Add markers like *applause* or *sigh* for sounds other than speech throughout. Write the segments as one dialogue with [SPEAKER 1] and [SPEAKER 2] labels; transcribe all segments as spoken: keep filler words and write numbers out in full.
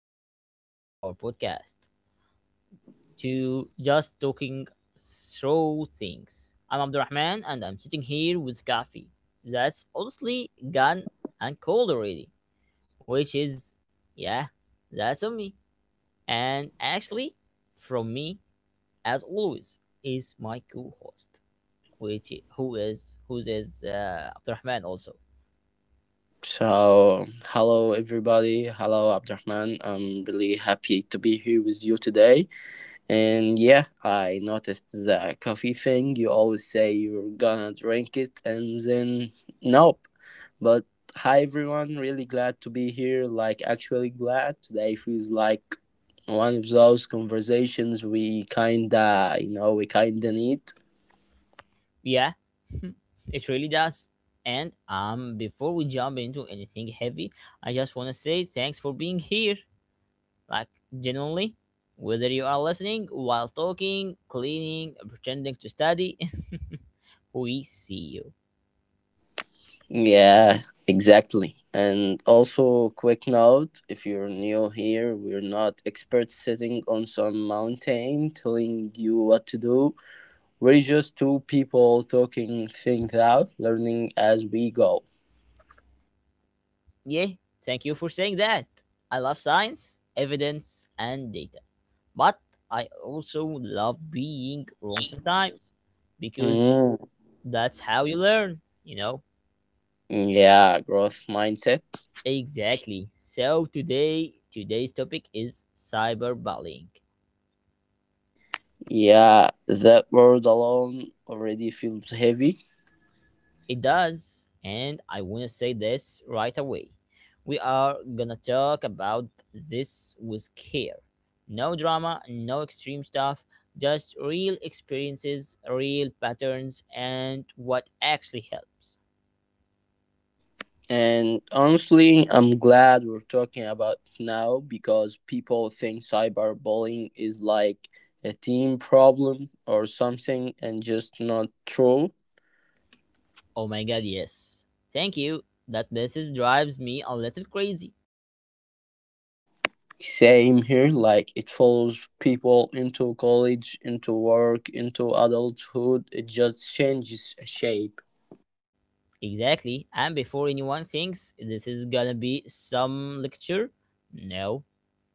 [SPEAKER 1] back to our podcast, to Just Talking Through Things. I'm Abdurrahman and I'm sitting here with Kafi. That's honestly gone and cold already, which is, yeah, that's on me. And actually, from me, as always, is my co host, which who is, who is uh, Abdurrahman also.
[SPEAKER 2] So, hello everybody. Hello Abdurrahman. I'm really happy to be here with you today. And yeah, I noticed the coffee thing. You always say you're gonna drink it and then nope. But hi everyone. Really glad to be here. Like actually glad. Today feels like one of those conversations we kinda, you know, we kinda need.
[SPEAKER 1] Yeah, *laughs* it really does. And um, before we jump into anything heavy, I just want to say thanks for being here. Like, genuinely, whether you are listening while talking, cleaning, pretending to study, *laughs* we see you.
[SPEAKER 2] Yeah, exactly. And also, quick note if you're new here, we're not experts sitting on some mountain telling you what to do. We're just two people talking things out, learning as we go.
[SPEAKER 1] Yeah, thank you for saying that. I love science, evidence, and data. But I also love being wrong sometimes because
[SPEAKER 2] Mm.
[SPEAKER 1] that's how you learn, you know.
[SPEAKER 2] Yeah, growth mindset.
[SPEAKER 1] Exactly. So today, today's topic is cyberbullying.
[SPEAKER 2] Yeah, that word alone already feels heavy.
[SPEAKER 1] It does, and I want to say this right away. We are gonna talk about this with care. No drama, no extreme stuff, just real experiences, real patterns, and what actually helps.
[SPEAKER 2] And honestly, I'm glad we're talking about it now because people think cyberbullying is like a team problem or something and just not true.
[SPEAKER 1] Oh my god, yes. Thank you. That message drives me a little crazy.
[SPEAKER 2] Same here, like it follows people into college, into work, into adulthood. It just changes shape.
[SPEAKER 1] Exactly. And before anyone thinks this is gonna be some lecture, no.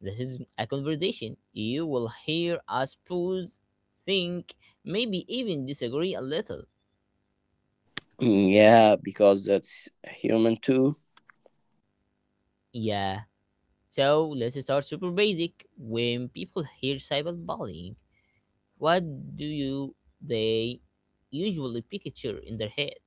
[SPEAKER 1] This is a conversation. You will hear us pause, think, maybe even disagree a little.
[SPEAKER 2] Mm, yeah, because that's human too.
[SPEAKER 1] Yeah. So let's start super basic. When people hear cyberbullying, what do you they usually picture in their head?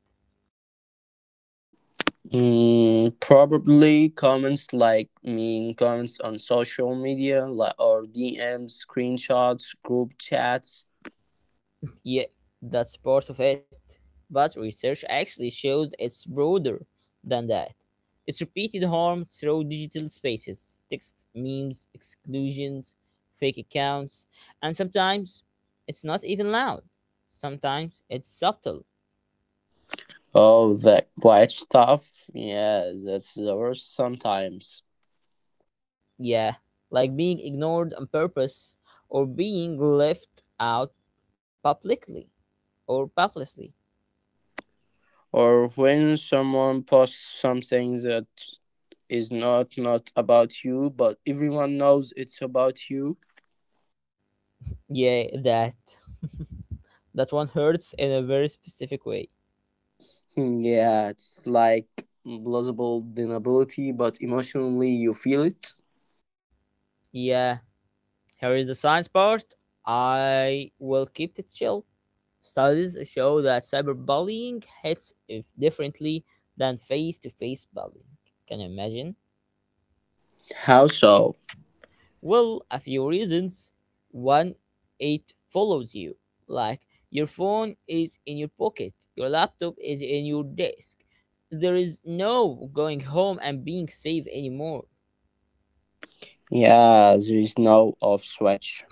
[SPEAKER 2] Mm, probably comments like mean comments on social media like, or D Ms, screenshots, group chats.
[SPEAKER 1] Yeah, that's part of it. But research actually shows it's broader than that. It's repeated harm through digital spaces, text, memes, exclusions, fake accounts, and sometimes it's not even loud. Sometimes it's subtle.
[SPEAKER 2] Oh, that quiet stuff. Yeah, that's the worst sometimes.
[SPEAKER 1] Yeah, like being ignored on purpose or being left out publicly or publicly.
[SPEAKER 2] Or when someone posts something that is not not about you, but everyone knows it's about you.
[SPEAKER 1] Yeah, that that one hurts in a very specific way.
[SPEAKER 2] Hmm, yeah, it's like plausible deniability, but emotionally you feel it.
[SPEAKER 1] Yeah, here is the science part. I will keep it chill. Studies show that cyberbullying hits if differently than face to face bullying. Can you imagine?
[SPEAKER 2] How so?
[SPEAKER 1] Well, a few reasons. One, it follows you. Like your phone is in your pocket, your laptop is in your desk. There is no going home and being safe anymore.
[SPEAKER 2] Yeah, there is no off switch.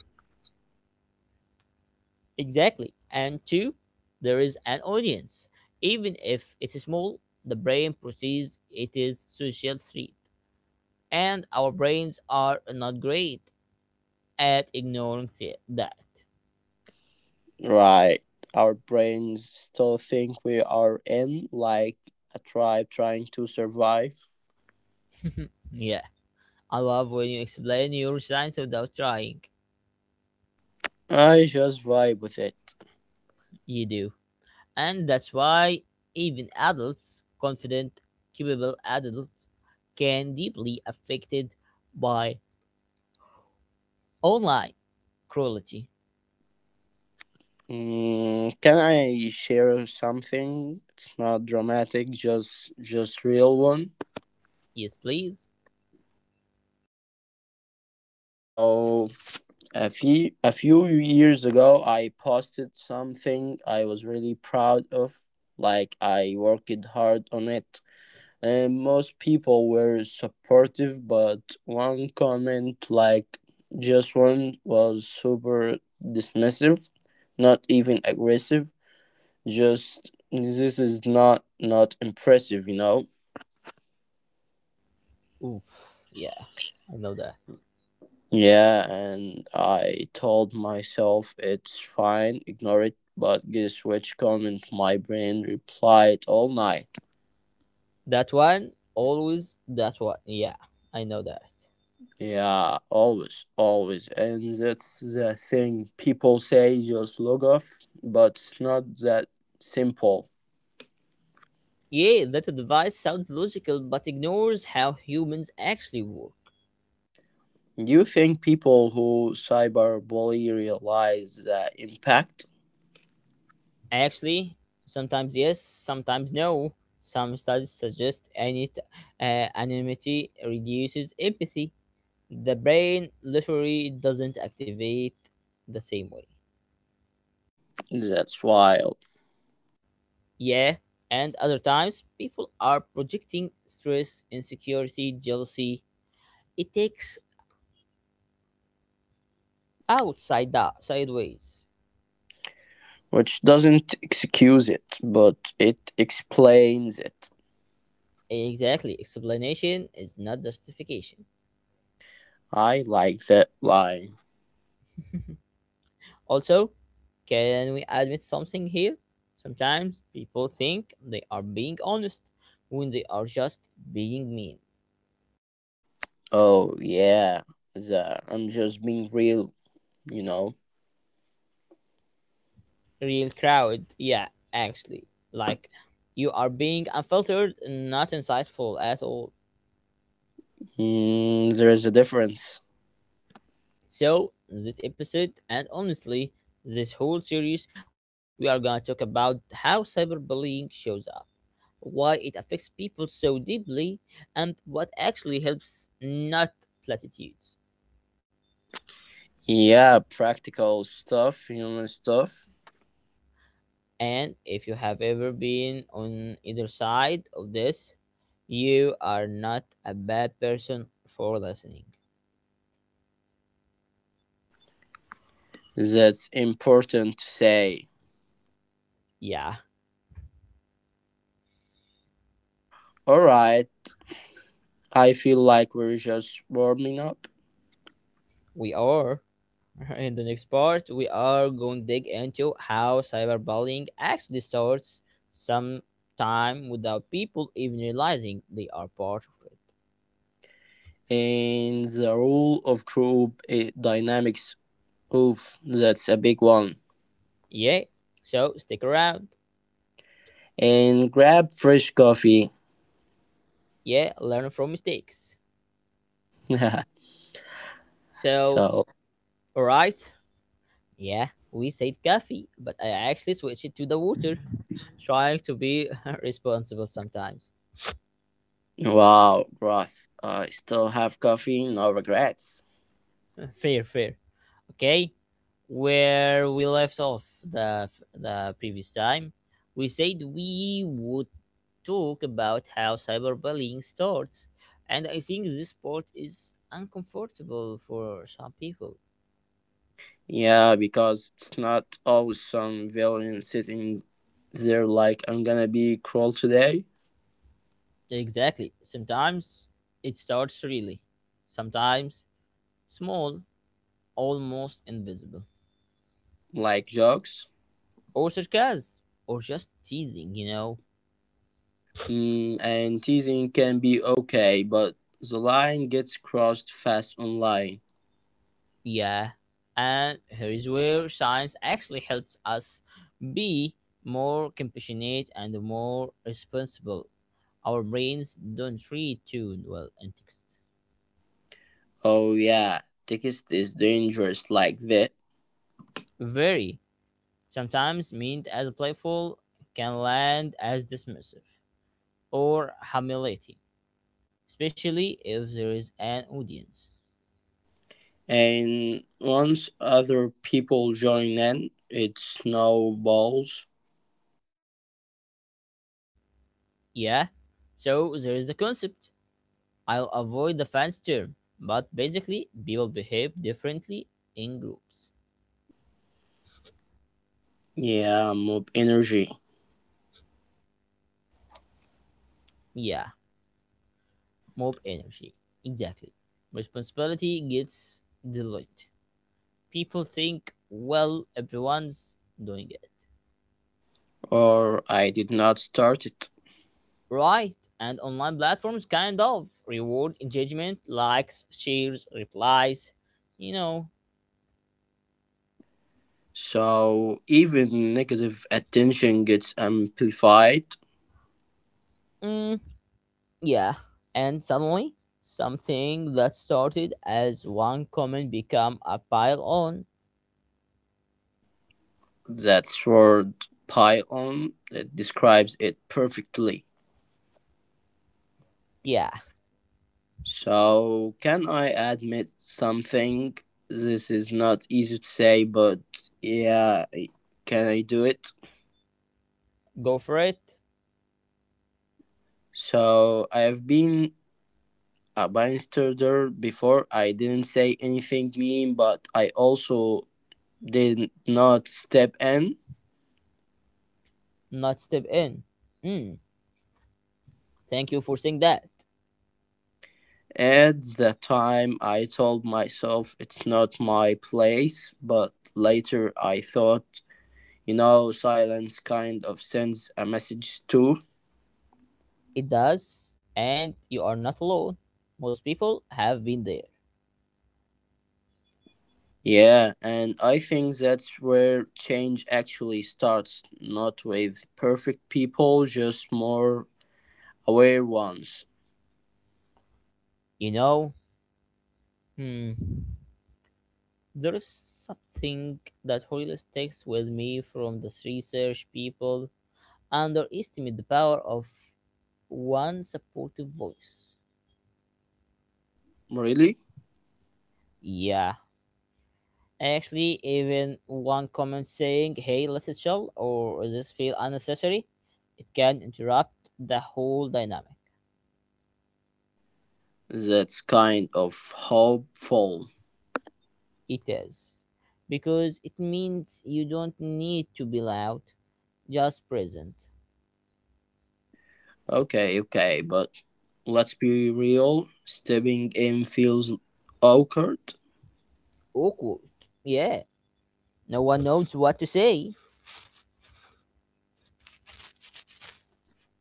[SPEAKER 1] Exactly. And two, there is an audience. Even if it's small, the brain perceives it is social threat. And our brains are not great at ignoring th- that.
[SPEAKER 2] Right. Our brains still think we are in, like, a tribe trying to survive.
[SPEAKER 1] *laughs* yeah, I love when you explain your science without trying.
[SPEAKER 2] I just vibe with it.
[SPEAKER 1] You do. And that's why even adults, confident, capable adults, can deeply affected by online cruelty.
[SPEAKER 2] Mm, can I share something? It's not dramatic, just just real one.
[SPEAKER 1] Yes, please.
[SPEAKER 2] Oh, a few a few years ago, I posted something I was really proud of. Like I worked hard on it. And most people were supportive, but one comment, like just one, was super dismissive, not even aggressive, just this is not not impressive, you know.
[SPEAKER 1] Oof. Yeah, I know that.
[SPEAKER 2] Yeah, and I told myself it's fine, ignore it, but guess which comment my brain replied all night.
[SPEAKER 1] That one, always that one. Yeah, I know that.
[SPEAKER 2] Yeah, always, always. And that's the thing people say, just log off, but it's not that simple.
[SPEAKER 1] Yeah, that advice sounds logical but ignores how humans actually work.
[SPEAKER 2] Do you think people who cyberbully realize the impact?
[SPEAKER 1] Actually, sometimes yes, sometimes no. Some studies suggest any t- uh, anonymity reduces empathy. The brain literally doesn't activate the same way.
[SPEAKER 2] That's wild.
[SPEAKER 1] Yeah, and other times people are projecting stress, insecurity, jealousy. It takes outside the sideways.
[SPEAKER 2] Which doesn't excuse it, but it explains it.
[SPEAKER 1] Exactly. Explanation is not justification.
[SPEAKER 2] I like that line.
[SPEAKER 1] Also, can we admit something here? Sometimes people think they are being honest when they are just being mean.
[SPEAKER 2] Oh, yeah, the I'm just being real, you know?
[SPEAKER 1] Real crowd, yeah, actually. Like, you are being unfiltered, not insightful at all.
[SPEAKER 2] Mm, there is a difference.
[SPEAKER 1] So, this episode, and honestly, this whole series, we are gonna talk about how cyberbullying shows up, why it affects people so deeply, and what actually helps, not platitudes.
[SPEAKER 2] Yeah, practical stuff, human stuff.
[SPEAKER 1] And if you have ever been on either side of this, you are not a bad person for listening.
[SPEAKER 2] That's important to say.
[SPEAKER 1] Yeah,
[SPEAKER 2] Alright, I feel like we're just warming up.
[SPEAKER 1] we are. *laughs* In the next part, we are going to dig into how cyberbullying actually starts sometime without people even realizing they are part of it.
[SPEAKER 2] And the rule of group eh, dynamics, oof, that's a big one.
[SPEAKER 1] Yeah, so stick around.
[SPEAKER 2] And grab fresh coffee.
[SPEAKER 1] Yeah, learn from mistakes.
[SPEAKER 2] *laughs*
[SPEAKER 1] So,
[SPEAKER 2] So,
[SPEAKER 1] alright, yeah, we said coffee, but I actually switched it to the water, trying to be *laughs* responsible sometimes.
[SPEAKER 2] wow, Groth, I still have coffee, no regrets.
[SPEAKER 1] *laughs* fair, fair. Okay, where we left off the the previous time, we said we would talk about how cyberbullying starts, and I think this part is uncomfortable for some people.
[SPEAKER 2] Yeah, because it's not always some villain sitting there like I'm gonna be cruel today.
[SPEAKER 1] Exactly. Sometimes it starts really. Sometimes small, almost invisible.
[SPEAKER 2] Like jokes.
[SPEAKER 1] Or sarcasm. Or just teasing, you know?
[SPEAKER 2] Mm, and teasing can be okay, but the line gets crossed fast online.
[SPEAKER 1] Yeah. And here is where science actually helps us be more compassionate and more responsible. Our brains don't read too well in text.
[SPEAKER 2] Oh yeah, text is dangerous like that.
[SPEAKER 1] Very, sometimes meant as playful, can land as dismissive or humiliating, especially if there is an audience.
[SPEAKER 2] And once other people join in, it snowballs.
[SPEAKER 1] Yeah, so there is the concept. I'll avoid the fans term, but basically, people behave differently in groups.
[SPEAKER 2] Yeah, mob energy.
[SPEAKER 1] Yeah, mob energy. Exactly. Responsibility gets delayed. People think, well, everyone's doing it.
[SPEAKER 2] Or I did not start it.
[SPEAKER 1] Right, and online platforms kind of reward engagement, likes, shares, replies, you know.
[SPEAKER 2] So even negative attention gets amplified.
[SPEAKER 1] Mm, yeah, and suddenly, something that started as one comment become a pile on.
[SPEAKER 2] That's word pile on. It describes it perfectly.
[SPEAKER 1] Yeah,
[SPEAKER 2] So, can I admit something? This is not easy to say, but yeah, can I do it?
[SPEAKER 1] go for it,
[SPEAKER 2] So, I have been a bystander before. I didn't say anything mean, but I also did not step in.
[SPEAKER 1] not step in. Mm, thank you for saying that.
[SPEAKER 2] At the time, I told myself it's not my place, but later I thought, you know, silence kind of sends a message too.
[SPEAKER 1] It does, and you are not alone. Most people have been there.
[SPEAKER 2] Yeah, and I think that's where change actually starts, not with perfect people, just more aware ones.
[SPEAKER 1] You know, hmm, there is something that always takes with me from this research, people underestimate the power of one supportive voice.
[SPEAKER 2] Really?
[SPEAKER 1] Yeah. Actually, even one comment saying, hey, let's chill, or this feel unnecessary, it can interrupt the whole dynamic.
[SPEAKER 2] That's kind of hopeful.
[SPEAKER 1] It is, because it means you don't need to be loud, just present.
[SPEAKER 2] Okay, okay, but let's be real. Stepping in feels awkward,
[SPEAKER 1] Awkward, yeah. No one knows what to say,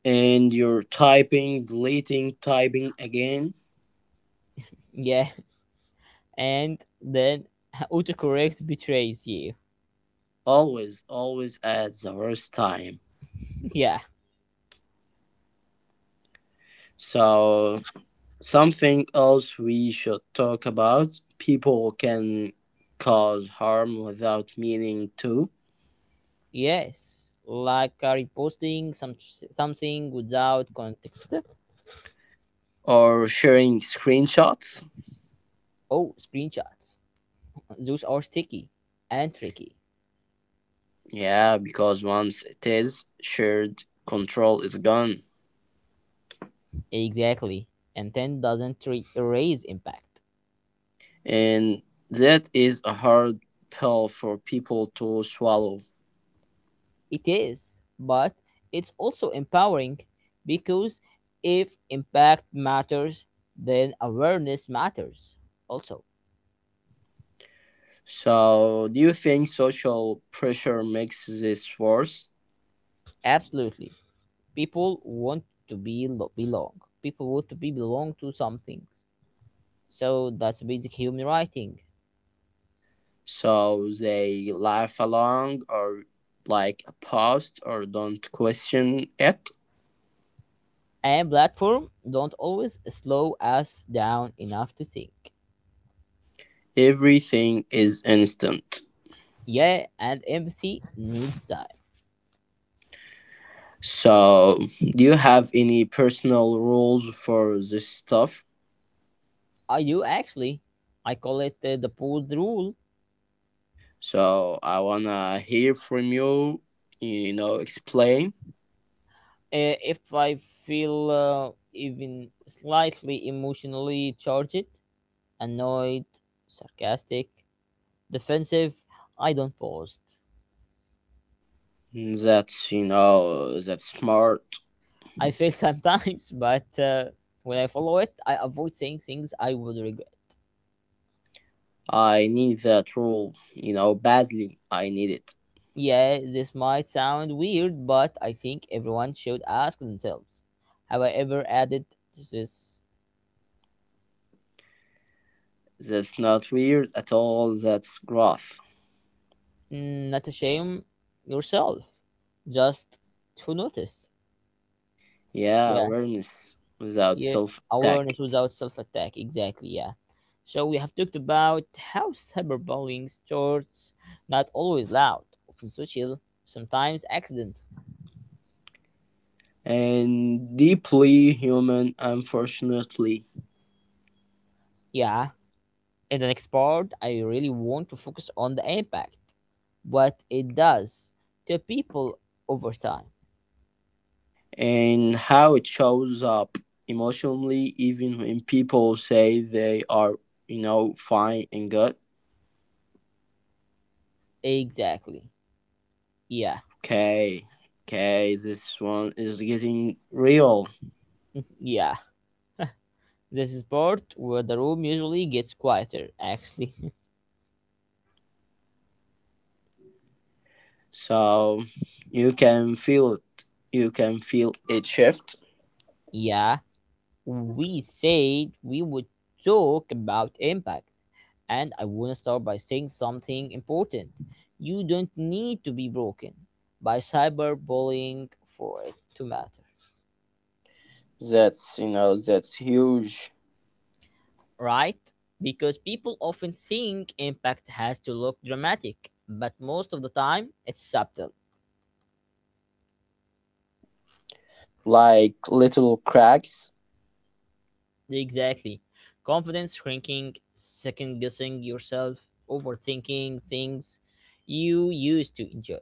[SPEAKER 2] and you're typing, deleting, typing again.
[SPEAKER 1] yeah. And then *laughs* autocorrect betrays you,
[SPEAKER 2] Always, always at the worst time.
[SPEAKER 1] *laughs* yeah.
[SPEAKER 2] So something else we should talk about, people can cause harm without meaning to,
[SPEAKER 1] Yes, like uh, reposting some something without context.
[SPEAKER 2] or sharing screenshots.
[SPEAKER 1] Oh, screenshots. Those are sticky and tricky.
[SPEAKER 2] Yeah, because once it is shared, control is gone.
[SPEAKER 1] Exactly. Intent doesn't re- erase impact.
[SPEAKER 2] And that is a hard pill for people to swallow.
[SPEAKER 1] It is, but it's also empowering because if impact matters, then awareness matters also.
[SPEAKER 2] So, do you think social pressure makes this worse?
[SPEAKER 1] Absolutely. People want to be lo- belong. People want to be belong to something. So that's basic human writing.
[SPEAKER 2] So they laugh along or like a post or don't question it?
[SPEAKER 1] And platform don't always slow us down enough to think.
[SPEAKER 2] Everything is instant.
[SPEAKER 1] Yeah, and empathy needs time.
[SPEAKER 2] So, do you have any personal rules for this stuff?
[SPEAKER 1] I do actually. I call it uh, the pause rule.
[SPEAKER 2] So, I wanna hear from you, you know, explain.
[SPEAKER 1] Uh, if I feel uh, even slightly emotionally charged, annoyed, sarcastic, defensive, I don't post.
[SPEAKER 2] That's, you know, that's smart.
[SPEAKER 1] I fail *laughs* sometimes, but uh, when I follow it, I avoid saying things I would regret.
[SPEAKER 2] I need that rule, you know, badly. I need it.
[SPEAKER 1] Yeah, this might sound weird, but I think everyone should ask themselves, have I ever added to this?
[SPEAKER 2] That's not weird at all. That's growth.
[SPEAKER 1] Mm, Not a shame yourself, just to notice.
[SPEAKER 2] Yeah,
[SPEAKER 1] Yeah.
[SPEAKER 2] awareness without
[SPEAKER 1] Yeah,
[SPEAKER 2] self attack.
[SPEAKER 1] awareness without self attack. Exactly, yeah. So we have talked about how cyberbullying starts, not always loud, often social, sometimes accident.
[SPEAKER 2] And deeply human, unfortunately.
[SPEAKER 1] Yeah, in the next part, I really want to focus on the impact, what it does to people over time.
[SPEAKER 2] And how it shows up emotionally even when people say they are, you know, fine and good.
[SPEAKER 1] Exactly. Yeah,
[SPEAKER 2] Okay, okay, this one is getting real.
[SPEAKER 1] yeah. This is part where the room usually gets quieter, actually.
[SPEAKER 2] So you can feel it, you can feel it shift.
[SPEAKER 1] *laughs* yeah. We said we would talk about impact. And I want to start by saying something important. You don't need to be broken by cyberbullying for it to matter,
[SPEAKER 2] That's, you know, that's huge.
[SPEAKER 1] right? Because people often think impact has to look dramatic, but most of the time it's subtle.
[SPEAKER 2] Like little cracks.
[SPEAKER 1] Exactly. Confidence shrinking, second guessing yourself, overthinking things you used to enjoy.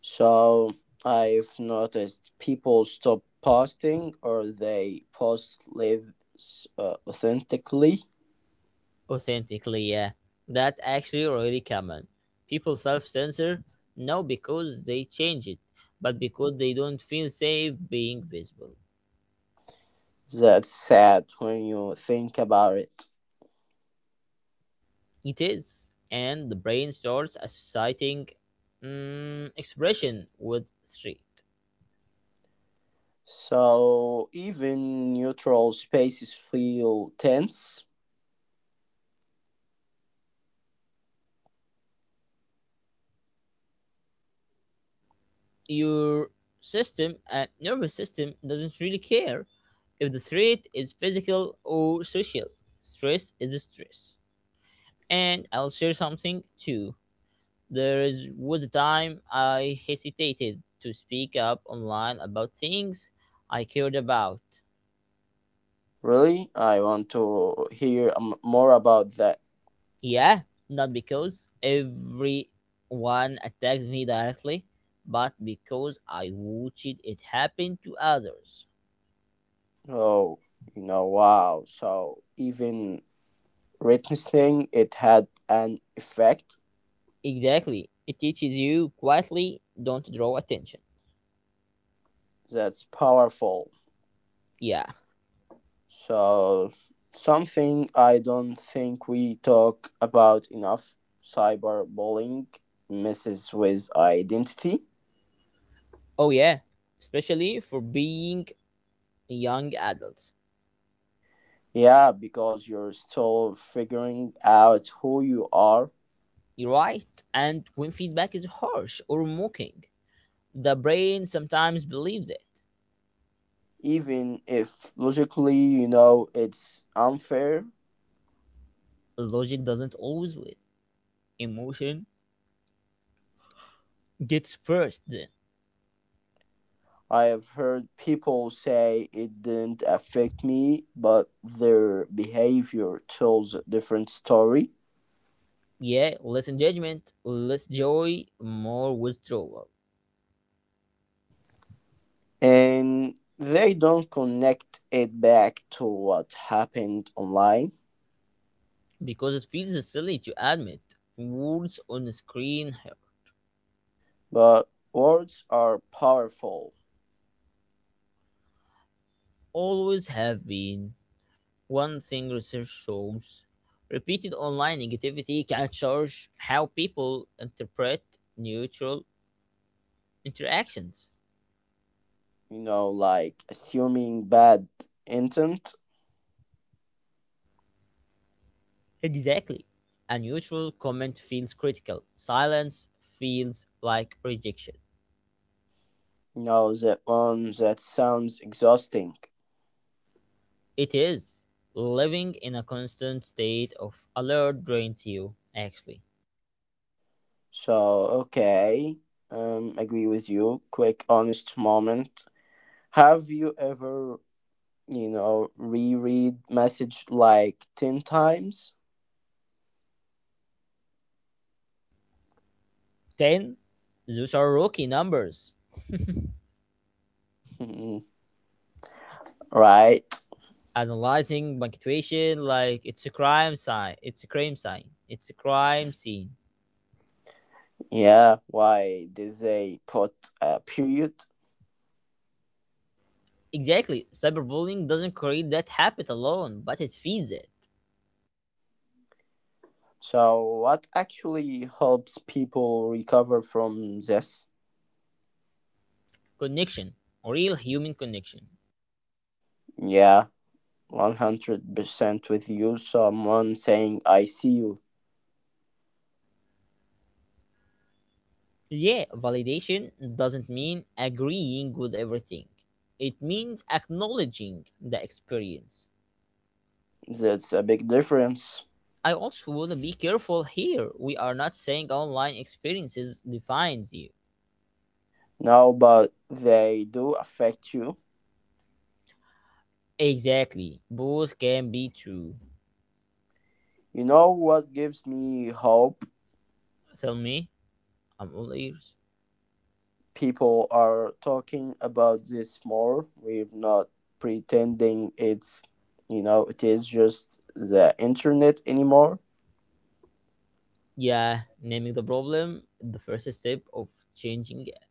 [SPEAKER 2] So I've noticed people stop posting or they post live uh, authentically.
[SPEAKER 1] Authentically, yeah. That actually really common. People self censor not because they change it, but because they don't feel safe being visible.
[SPEAKER 2] That's sad when you think about it.
[SPEAKER 1] It is. And the brain starts associating mm, expression with threat.
[SPEAKER 2] So even neutral spaces feel tense.
[SPEAKER 1] Your system and nervous system doesn't really care if the threat is physical or social. Stress is stress. And I'll share something too. There is was a time I hesitated to speak up online about things I cared about.
[SPEAKER 2] Really? I want to hear um, more about that.
[SPEAKER 1] Yeah, not because everyone attacked me directly, but because I watched it happen to others.
[SPEAKER 2] Oh, you know, wow. So even witnessing it had an effect.
[SPEAKER 1] Exactly. It teaches you quietly, don't draw attention.
[SPEAKER 2] That's powerful.
[SPEAKER 1] Yeah.
[SPEAKER 2] So something I don't think we talk about enough, cyberbullying messes with identity.
[SPEAKER 1] Oh yeah. Especially for being young adults.
[SPEAKER 2] Yeah, because you're still figuring out who you are,
[SPEAKER 1] You're right. And when feedback is harsh or mocking, the brain sometimes believes it.
[SPEAKER 2] even if logically, you know, it's unfair.
[SPEAKER 1] Logic doesn't always win. Emotion gets first then.
[SPEAKER 2] I have heard people say it didn't affect me, but their behavior tells a different story.
[SPEAKER 1] Yeah, less engagement, less joy, more withdrawal.
[SPEAKER 2] And they don't connect it back to what happened online.
[SPEAKER 1] Because it feels silly to admit words on a screen hurt.
[SPEAKER 2] But words are powerful,
[SPEAKER 1] Always have been. One thing research shows, repeated online negativity can change how people interpret neutral interactions.
[SPEAKER 2] you know, like assuming bad intent.
[SPEAKER 1] Exactly. A neutral comment feels critical. Silence feels like rejection.
[SPEAKER 2] No, that um, that sounds exhausting.
[SPEAKER 1] It is. Living in a constant state of alert drains you, actually.
[SPEAKER 2] So, okay, um, agree with you. Quick, honest moment. Have you ever, you know, reread message like ten times? *laughs*
[SPEAKER 1] ten. Those are rookie numbers.
[SPEAKER 2] Mhm. Right.
[SPEAKER 1] Analyzing punctuation like it's a crime sign. It's a crime sign. It's a crime scene.
[SPEAKER 2] Yeah. Why did they put a period?
[SPEAKER 1] Exactly. Cyberbullying doesn't create that habit alone, but it feeds it.
[SPEAKER 2] So, what actually helps people recover from this?
[SPEAKER 1] Connection. Real human connection.
[SPEAKER 2] Yeah, one hundred percent with you. Someone saying, "I see you."
[SPEAKER 1] Yeah, validation doesn't mean agreeing with everything. It means acknowledging the experience.
[SPEAKER 2] That's a big difference.
[SPEAKER 1] I also want to be careful here. We are not saying online experiences defines you.
[SPEAKER 2] No, but they do affect you.
[SPEAKER 1] Exactly. Both can be true.
[SPEAKER 2] You know what gives me hope?
[SPEAKER 1] Tell me, I'm all ears.
[SPEAKER 2] People are talking about this more. We're not pretending it's, you know, it is just the internet anymore.
[SPEAKER 1] Yeah, naming the problem, the first step of changing it.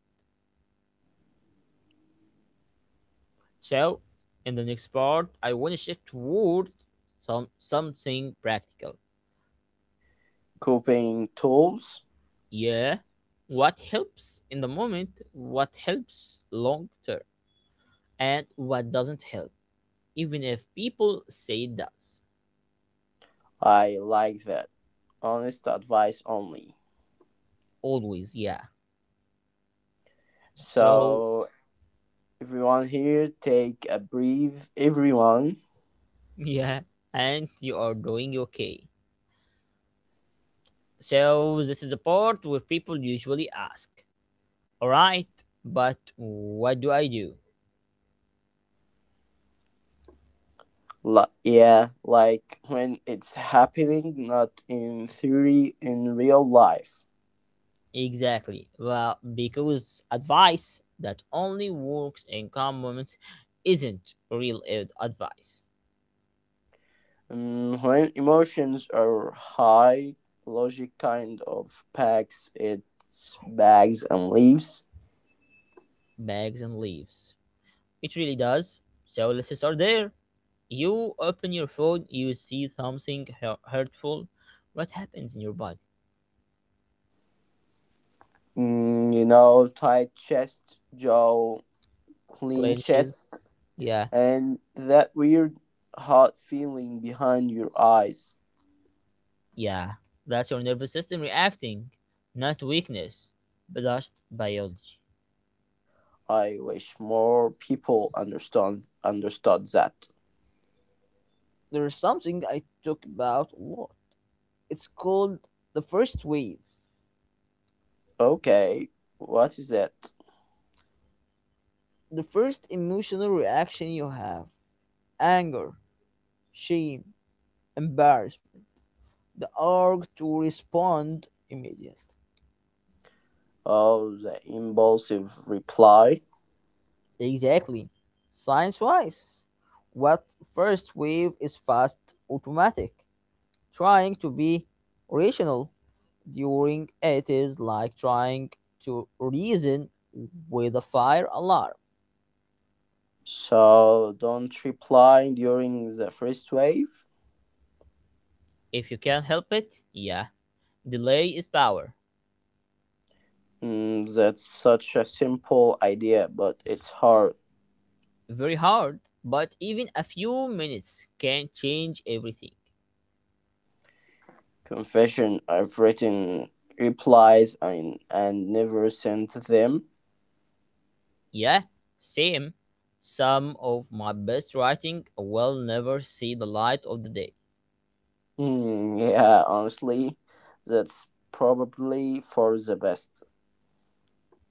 [SPEAKER 1] So, in the next part, I want to shift toward some something practical.
[SPEAKER 2] Coping tools.
[SPEAKER 1] Yeah. What helps in the moment, what helps long term, and what doesn't help, even if people say it does.
[SPEAKER 2] I like that. Honest advice only.
[SPEAKER 1] Always, yeah. So,
[SPEAKER 2] So, everyone here, take a breathe. Everyone
[SPEAKER 1] *laughs* yeah, and you are doing okay. So, this is the part where people usually ask, all right, but what do I do?
[SPEAKER 2] Li- yeah, like when it's happening, not in theory, in real life.
[SPEAKER 1] Exactly. Well, because advice that only works in calm moments isn't real ad- advice.
[SPEAKER 2] Mm, when emotions are high, logic kind of packs its bags and leaves.
[SPEAKER 1] Bags and leaves. It really does. Services are there. You open your phone, you see something hu- hurtful. What happens in your body?
[SPEAKER 2] Mm, you know, tight chest, jaw, clean
[SPEAKER 1] Clenches.
[SPEAKER 2] chest,
[SPEAKER 1] Yeah,
[SPEAKER 2] and that weird hot feeling behind your eyes.
[SPEAKER 1] yeah. That's your nervous system reacting, not weakness, but just biology.
[SPEAKER 2] I wish more people understand understood that.
[SPEAKER 1] There is something I talk about a lot. It's called the first wave.
[SPEAKER 2] Okay, what is it?
[SPEAKER 1] The first emotional reaction you have, anger, shame, embarrassment. The urge to respond immediately.
[SPEAKER 2] Of the impulsive reply.
[SPEAKER 1] Exactly. Science wise, what first wave is fast automatic, trying to be rational during it is like trying to reason with a fire alarm.
[SPEAKER 2] So don't reply during the first wave.
[SPEAKER 1] If you can help it, yeah, delay is power.
[SPEAKER 2] Mm, that's such a simple idea, but it's hard.
[SPEAKER 1] Very hard, but even a few minutes can change everything.
[SPEAKER 2] Confession, I've written replies and, and never sent them.
[SPEAKER 1] Yeah, same. Some of my best writing will never see the light of the day.
[SPEAKER 2] Mm, yeah, honestly, that's probably for the best.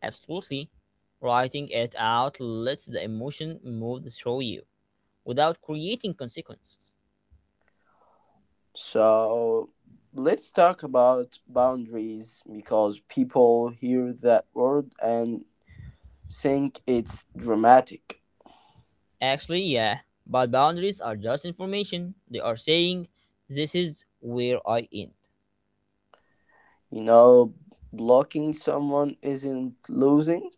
[SPEAKER 1] Absolutely. Writing it out lets the emotion move through you without creating consequences.
[SPEAKER 2] So let's talk about boundaries because people hear that word and think it's dramatic.
[SPEAKER 1] Actually, yeah, but boundaries are just information. They are saying, this is where I end.
[SPEAKER 2] You know, blocking someone isn't losing.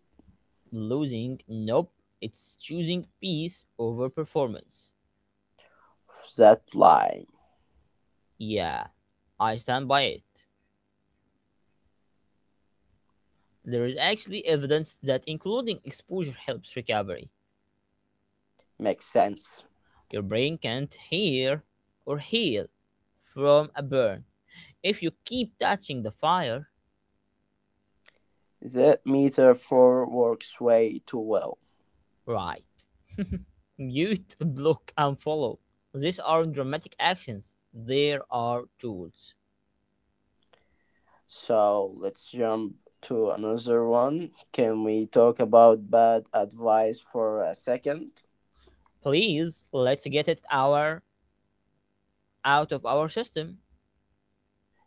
[SPEAKER 1] Losing, nope, it's choosing peace over performance.
[SPEAKER 2] That line
[SPEAKER 1] Yeah, I stand by it. There is actually evidence that including exposure helps recovery.
[SPEAKER 2] makes sense.
[SPEAKER 1] Your brain can't hear or heal from a burn if you keep touching the fire,
[SPEAKER 2] That metaphor works way too well.
[SPEAKER 1] right. *laughs* Mute, block, and follow. These aren't dramatic actions. There are tools.
[SPEAKER 2] So let's jump to another one. Can we talk about bad advice for a second?
[SPEAKER 1] Please, let's get it our out of our system.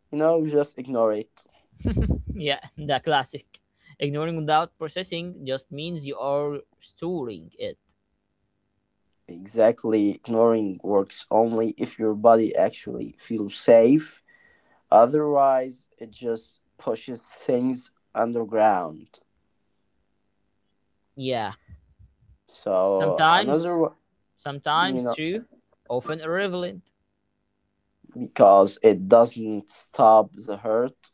[SPEAKER 2] You know, just ignore it.
[SPEAKER 1] *laughs* Yeah, the classic. Ignoring without processing just means you are storing it.
[SPEAKER 2] Exactly, ignoring works only if your body actually feels safe. Otherwise, it just pushes things underground.
[SPEAKER 1] Yeah.
[SPEAKER 2] So
[SPEAKER 1] Sometimes,
[SPEAKER 2] another, you
[SPEAKER 1] sometimes
[SPEAKER 2] know,
[SPEAKER 1] true, often irrelevant.
[SPEAKER 2] because it doesn't stop the hurt.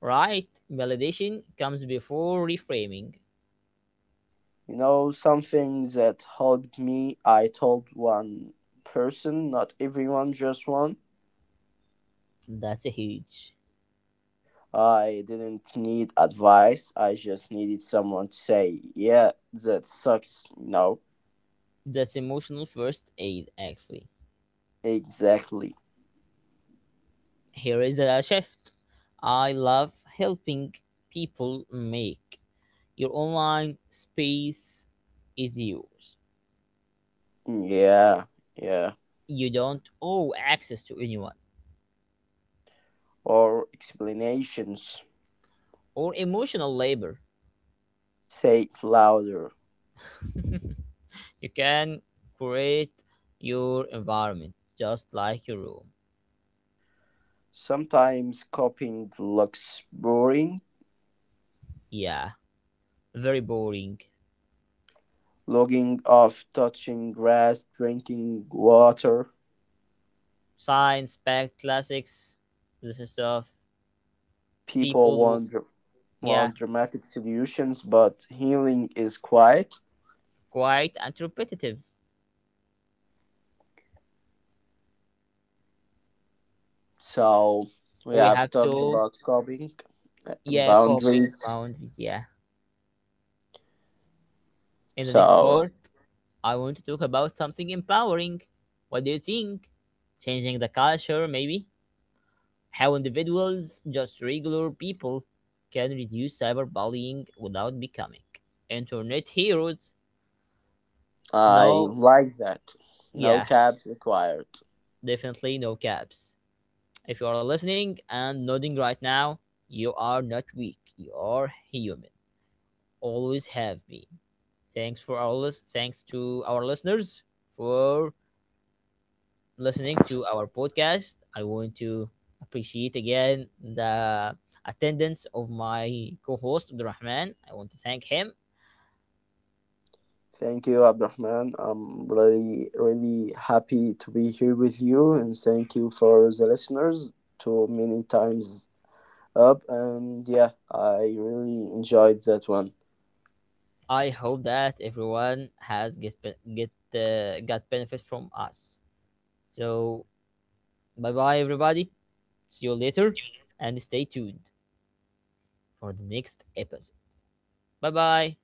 [SPEAKER 1] Right? Validation comes before reframing.
[SPEAKER 2] You know, something that helped me. I told one person, not everyone, just one.
[SPEAKER 1] That's a huge.
[SPEAKER 2] I didn't need advice. I just needed someone to say, "Yeah, that sucks." No,
[SPEAKER 1] That's emotional first aid, actually.
[SPEAKER 2] exactly.
[SPEAKER 1] Here is a shift. I love helping people make your online space is yours.
[SPEAKER 2] Yeah, yeah.
[SPEAKER 1] You don't owe access to anyone
[SPEAKER 2] Or explanations.
[SPEAKER 1] or emotional labor.
[SPEAKER 2] Say it louder.
[SPEAKER 1] *laughs* You can create your environment just like your room.
[SPEAKER 2] Sometimes coping looks boring,
[SPEAKER 1] Yeah, very boring.
[SPEAKER 2] logging off, touching grass, drinking water.
[SPEAKER 1] Science packed classics, this is stuff.
[SPEAKER 2] People
[SPEAKER 1] People, who-
[SPEAKER 2] want, dr-
[SPEAKER 1] yeah,
[SPEAKER 2] want dramatic solutions, but healing is quiet.
[SPEAKER 1] quiet and repetitive.
[SPEAKER 2] So we
[SPEAKER 1] We have
[SPEAKER 2] have talked
[SPEAKER 1] to,
[SPEAKER 2] about coping and
[SPEAKER 1] yeah, coping the
[SPEAKER 2] boundaries.
[SPEAKER 1] mountains, yeah. In the next
[SPEAKER 2] So
[SPEAKER 1] part, I want to talk about something empowering. What do you think? Changing the culture, maybe? How individuals, just regular people, can reduce cyberbullying without becoming internet heroes.
[SPEAKER 2] I
[SPEAKER 1] No,
[SPEAKER 2] like that. No
[SPEAKER 1] yeah,
[SPEAKER 2] caps required.
[SPEAKER 1] definitely no caps. If you are listening and nodding right now, you are not weak, you are human, always have been. Thanks for our lis- thanks to our listeners for listening to our podcast. I want to appreciate again the attendance of my co-host Abdurrahman. I want to thank him.
[SPEAKER 2] Thank you, Abdurrahman. I'm really, really happy to be here with you, and thank you for the listeners to many times up. And yeah, I really enjoyed that one.
[SPEAKER 1] I hope that everyone has get be- get uh, got benefit from us. So bye bye everybody. See you later and stay tuned for the next episode. Bye bye.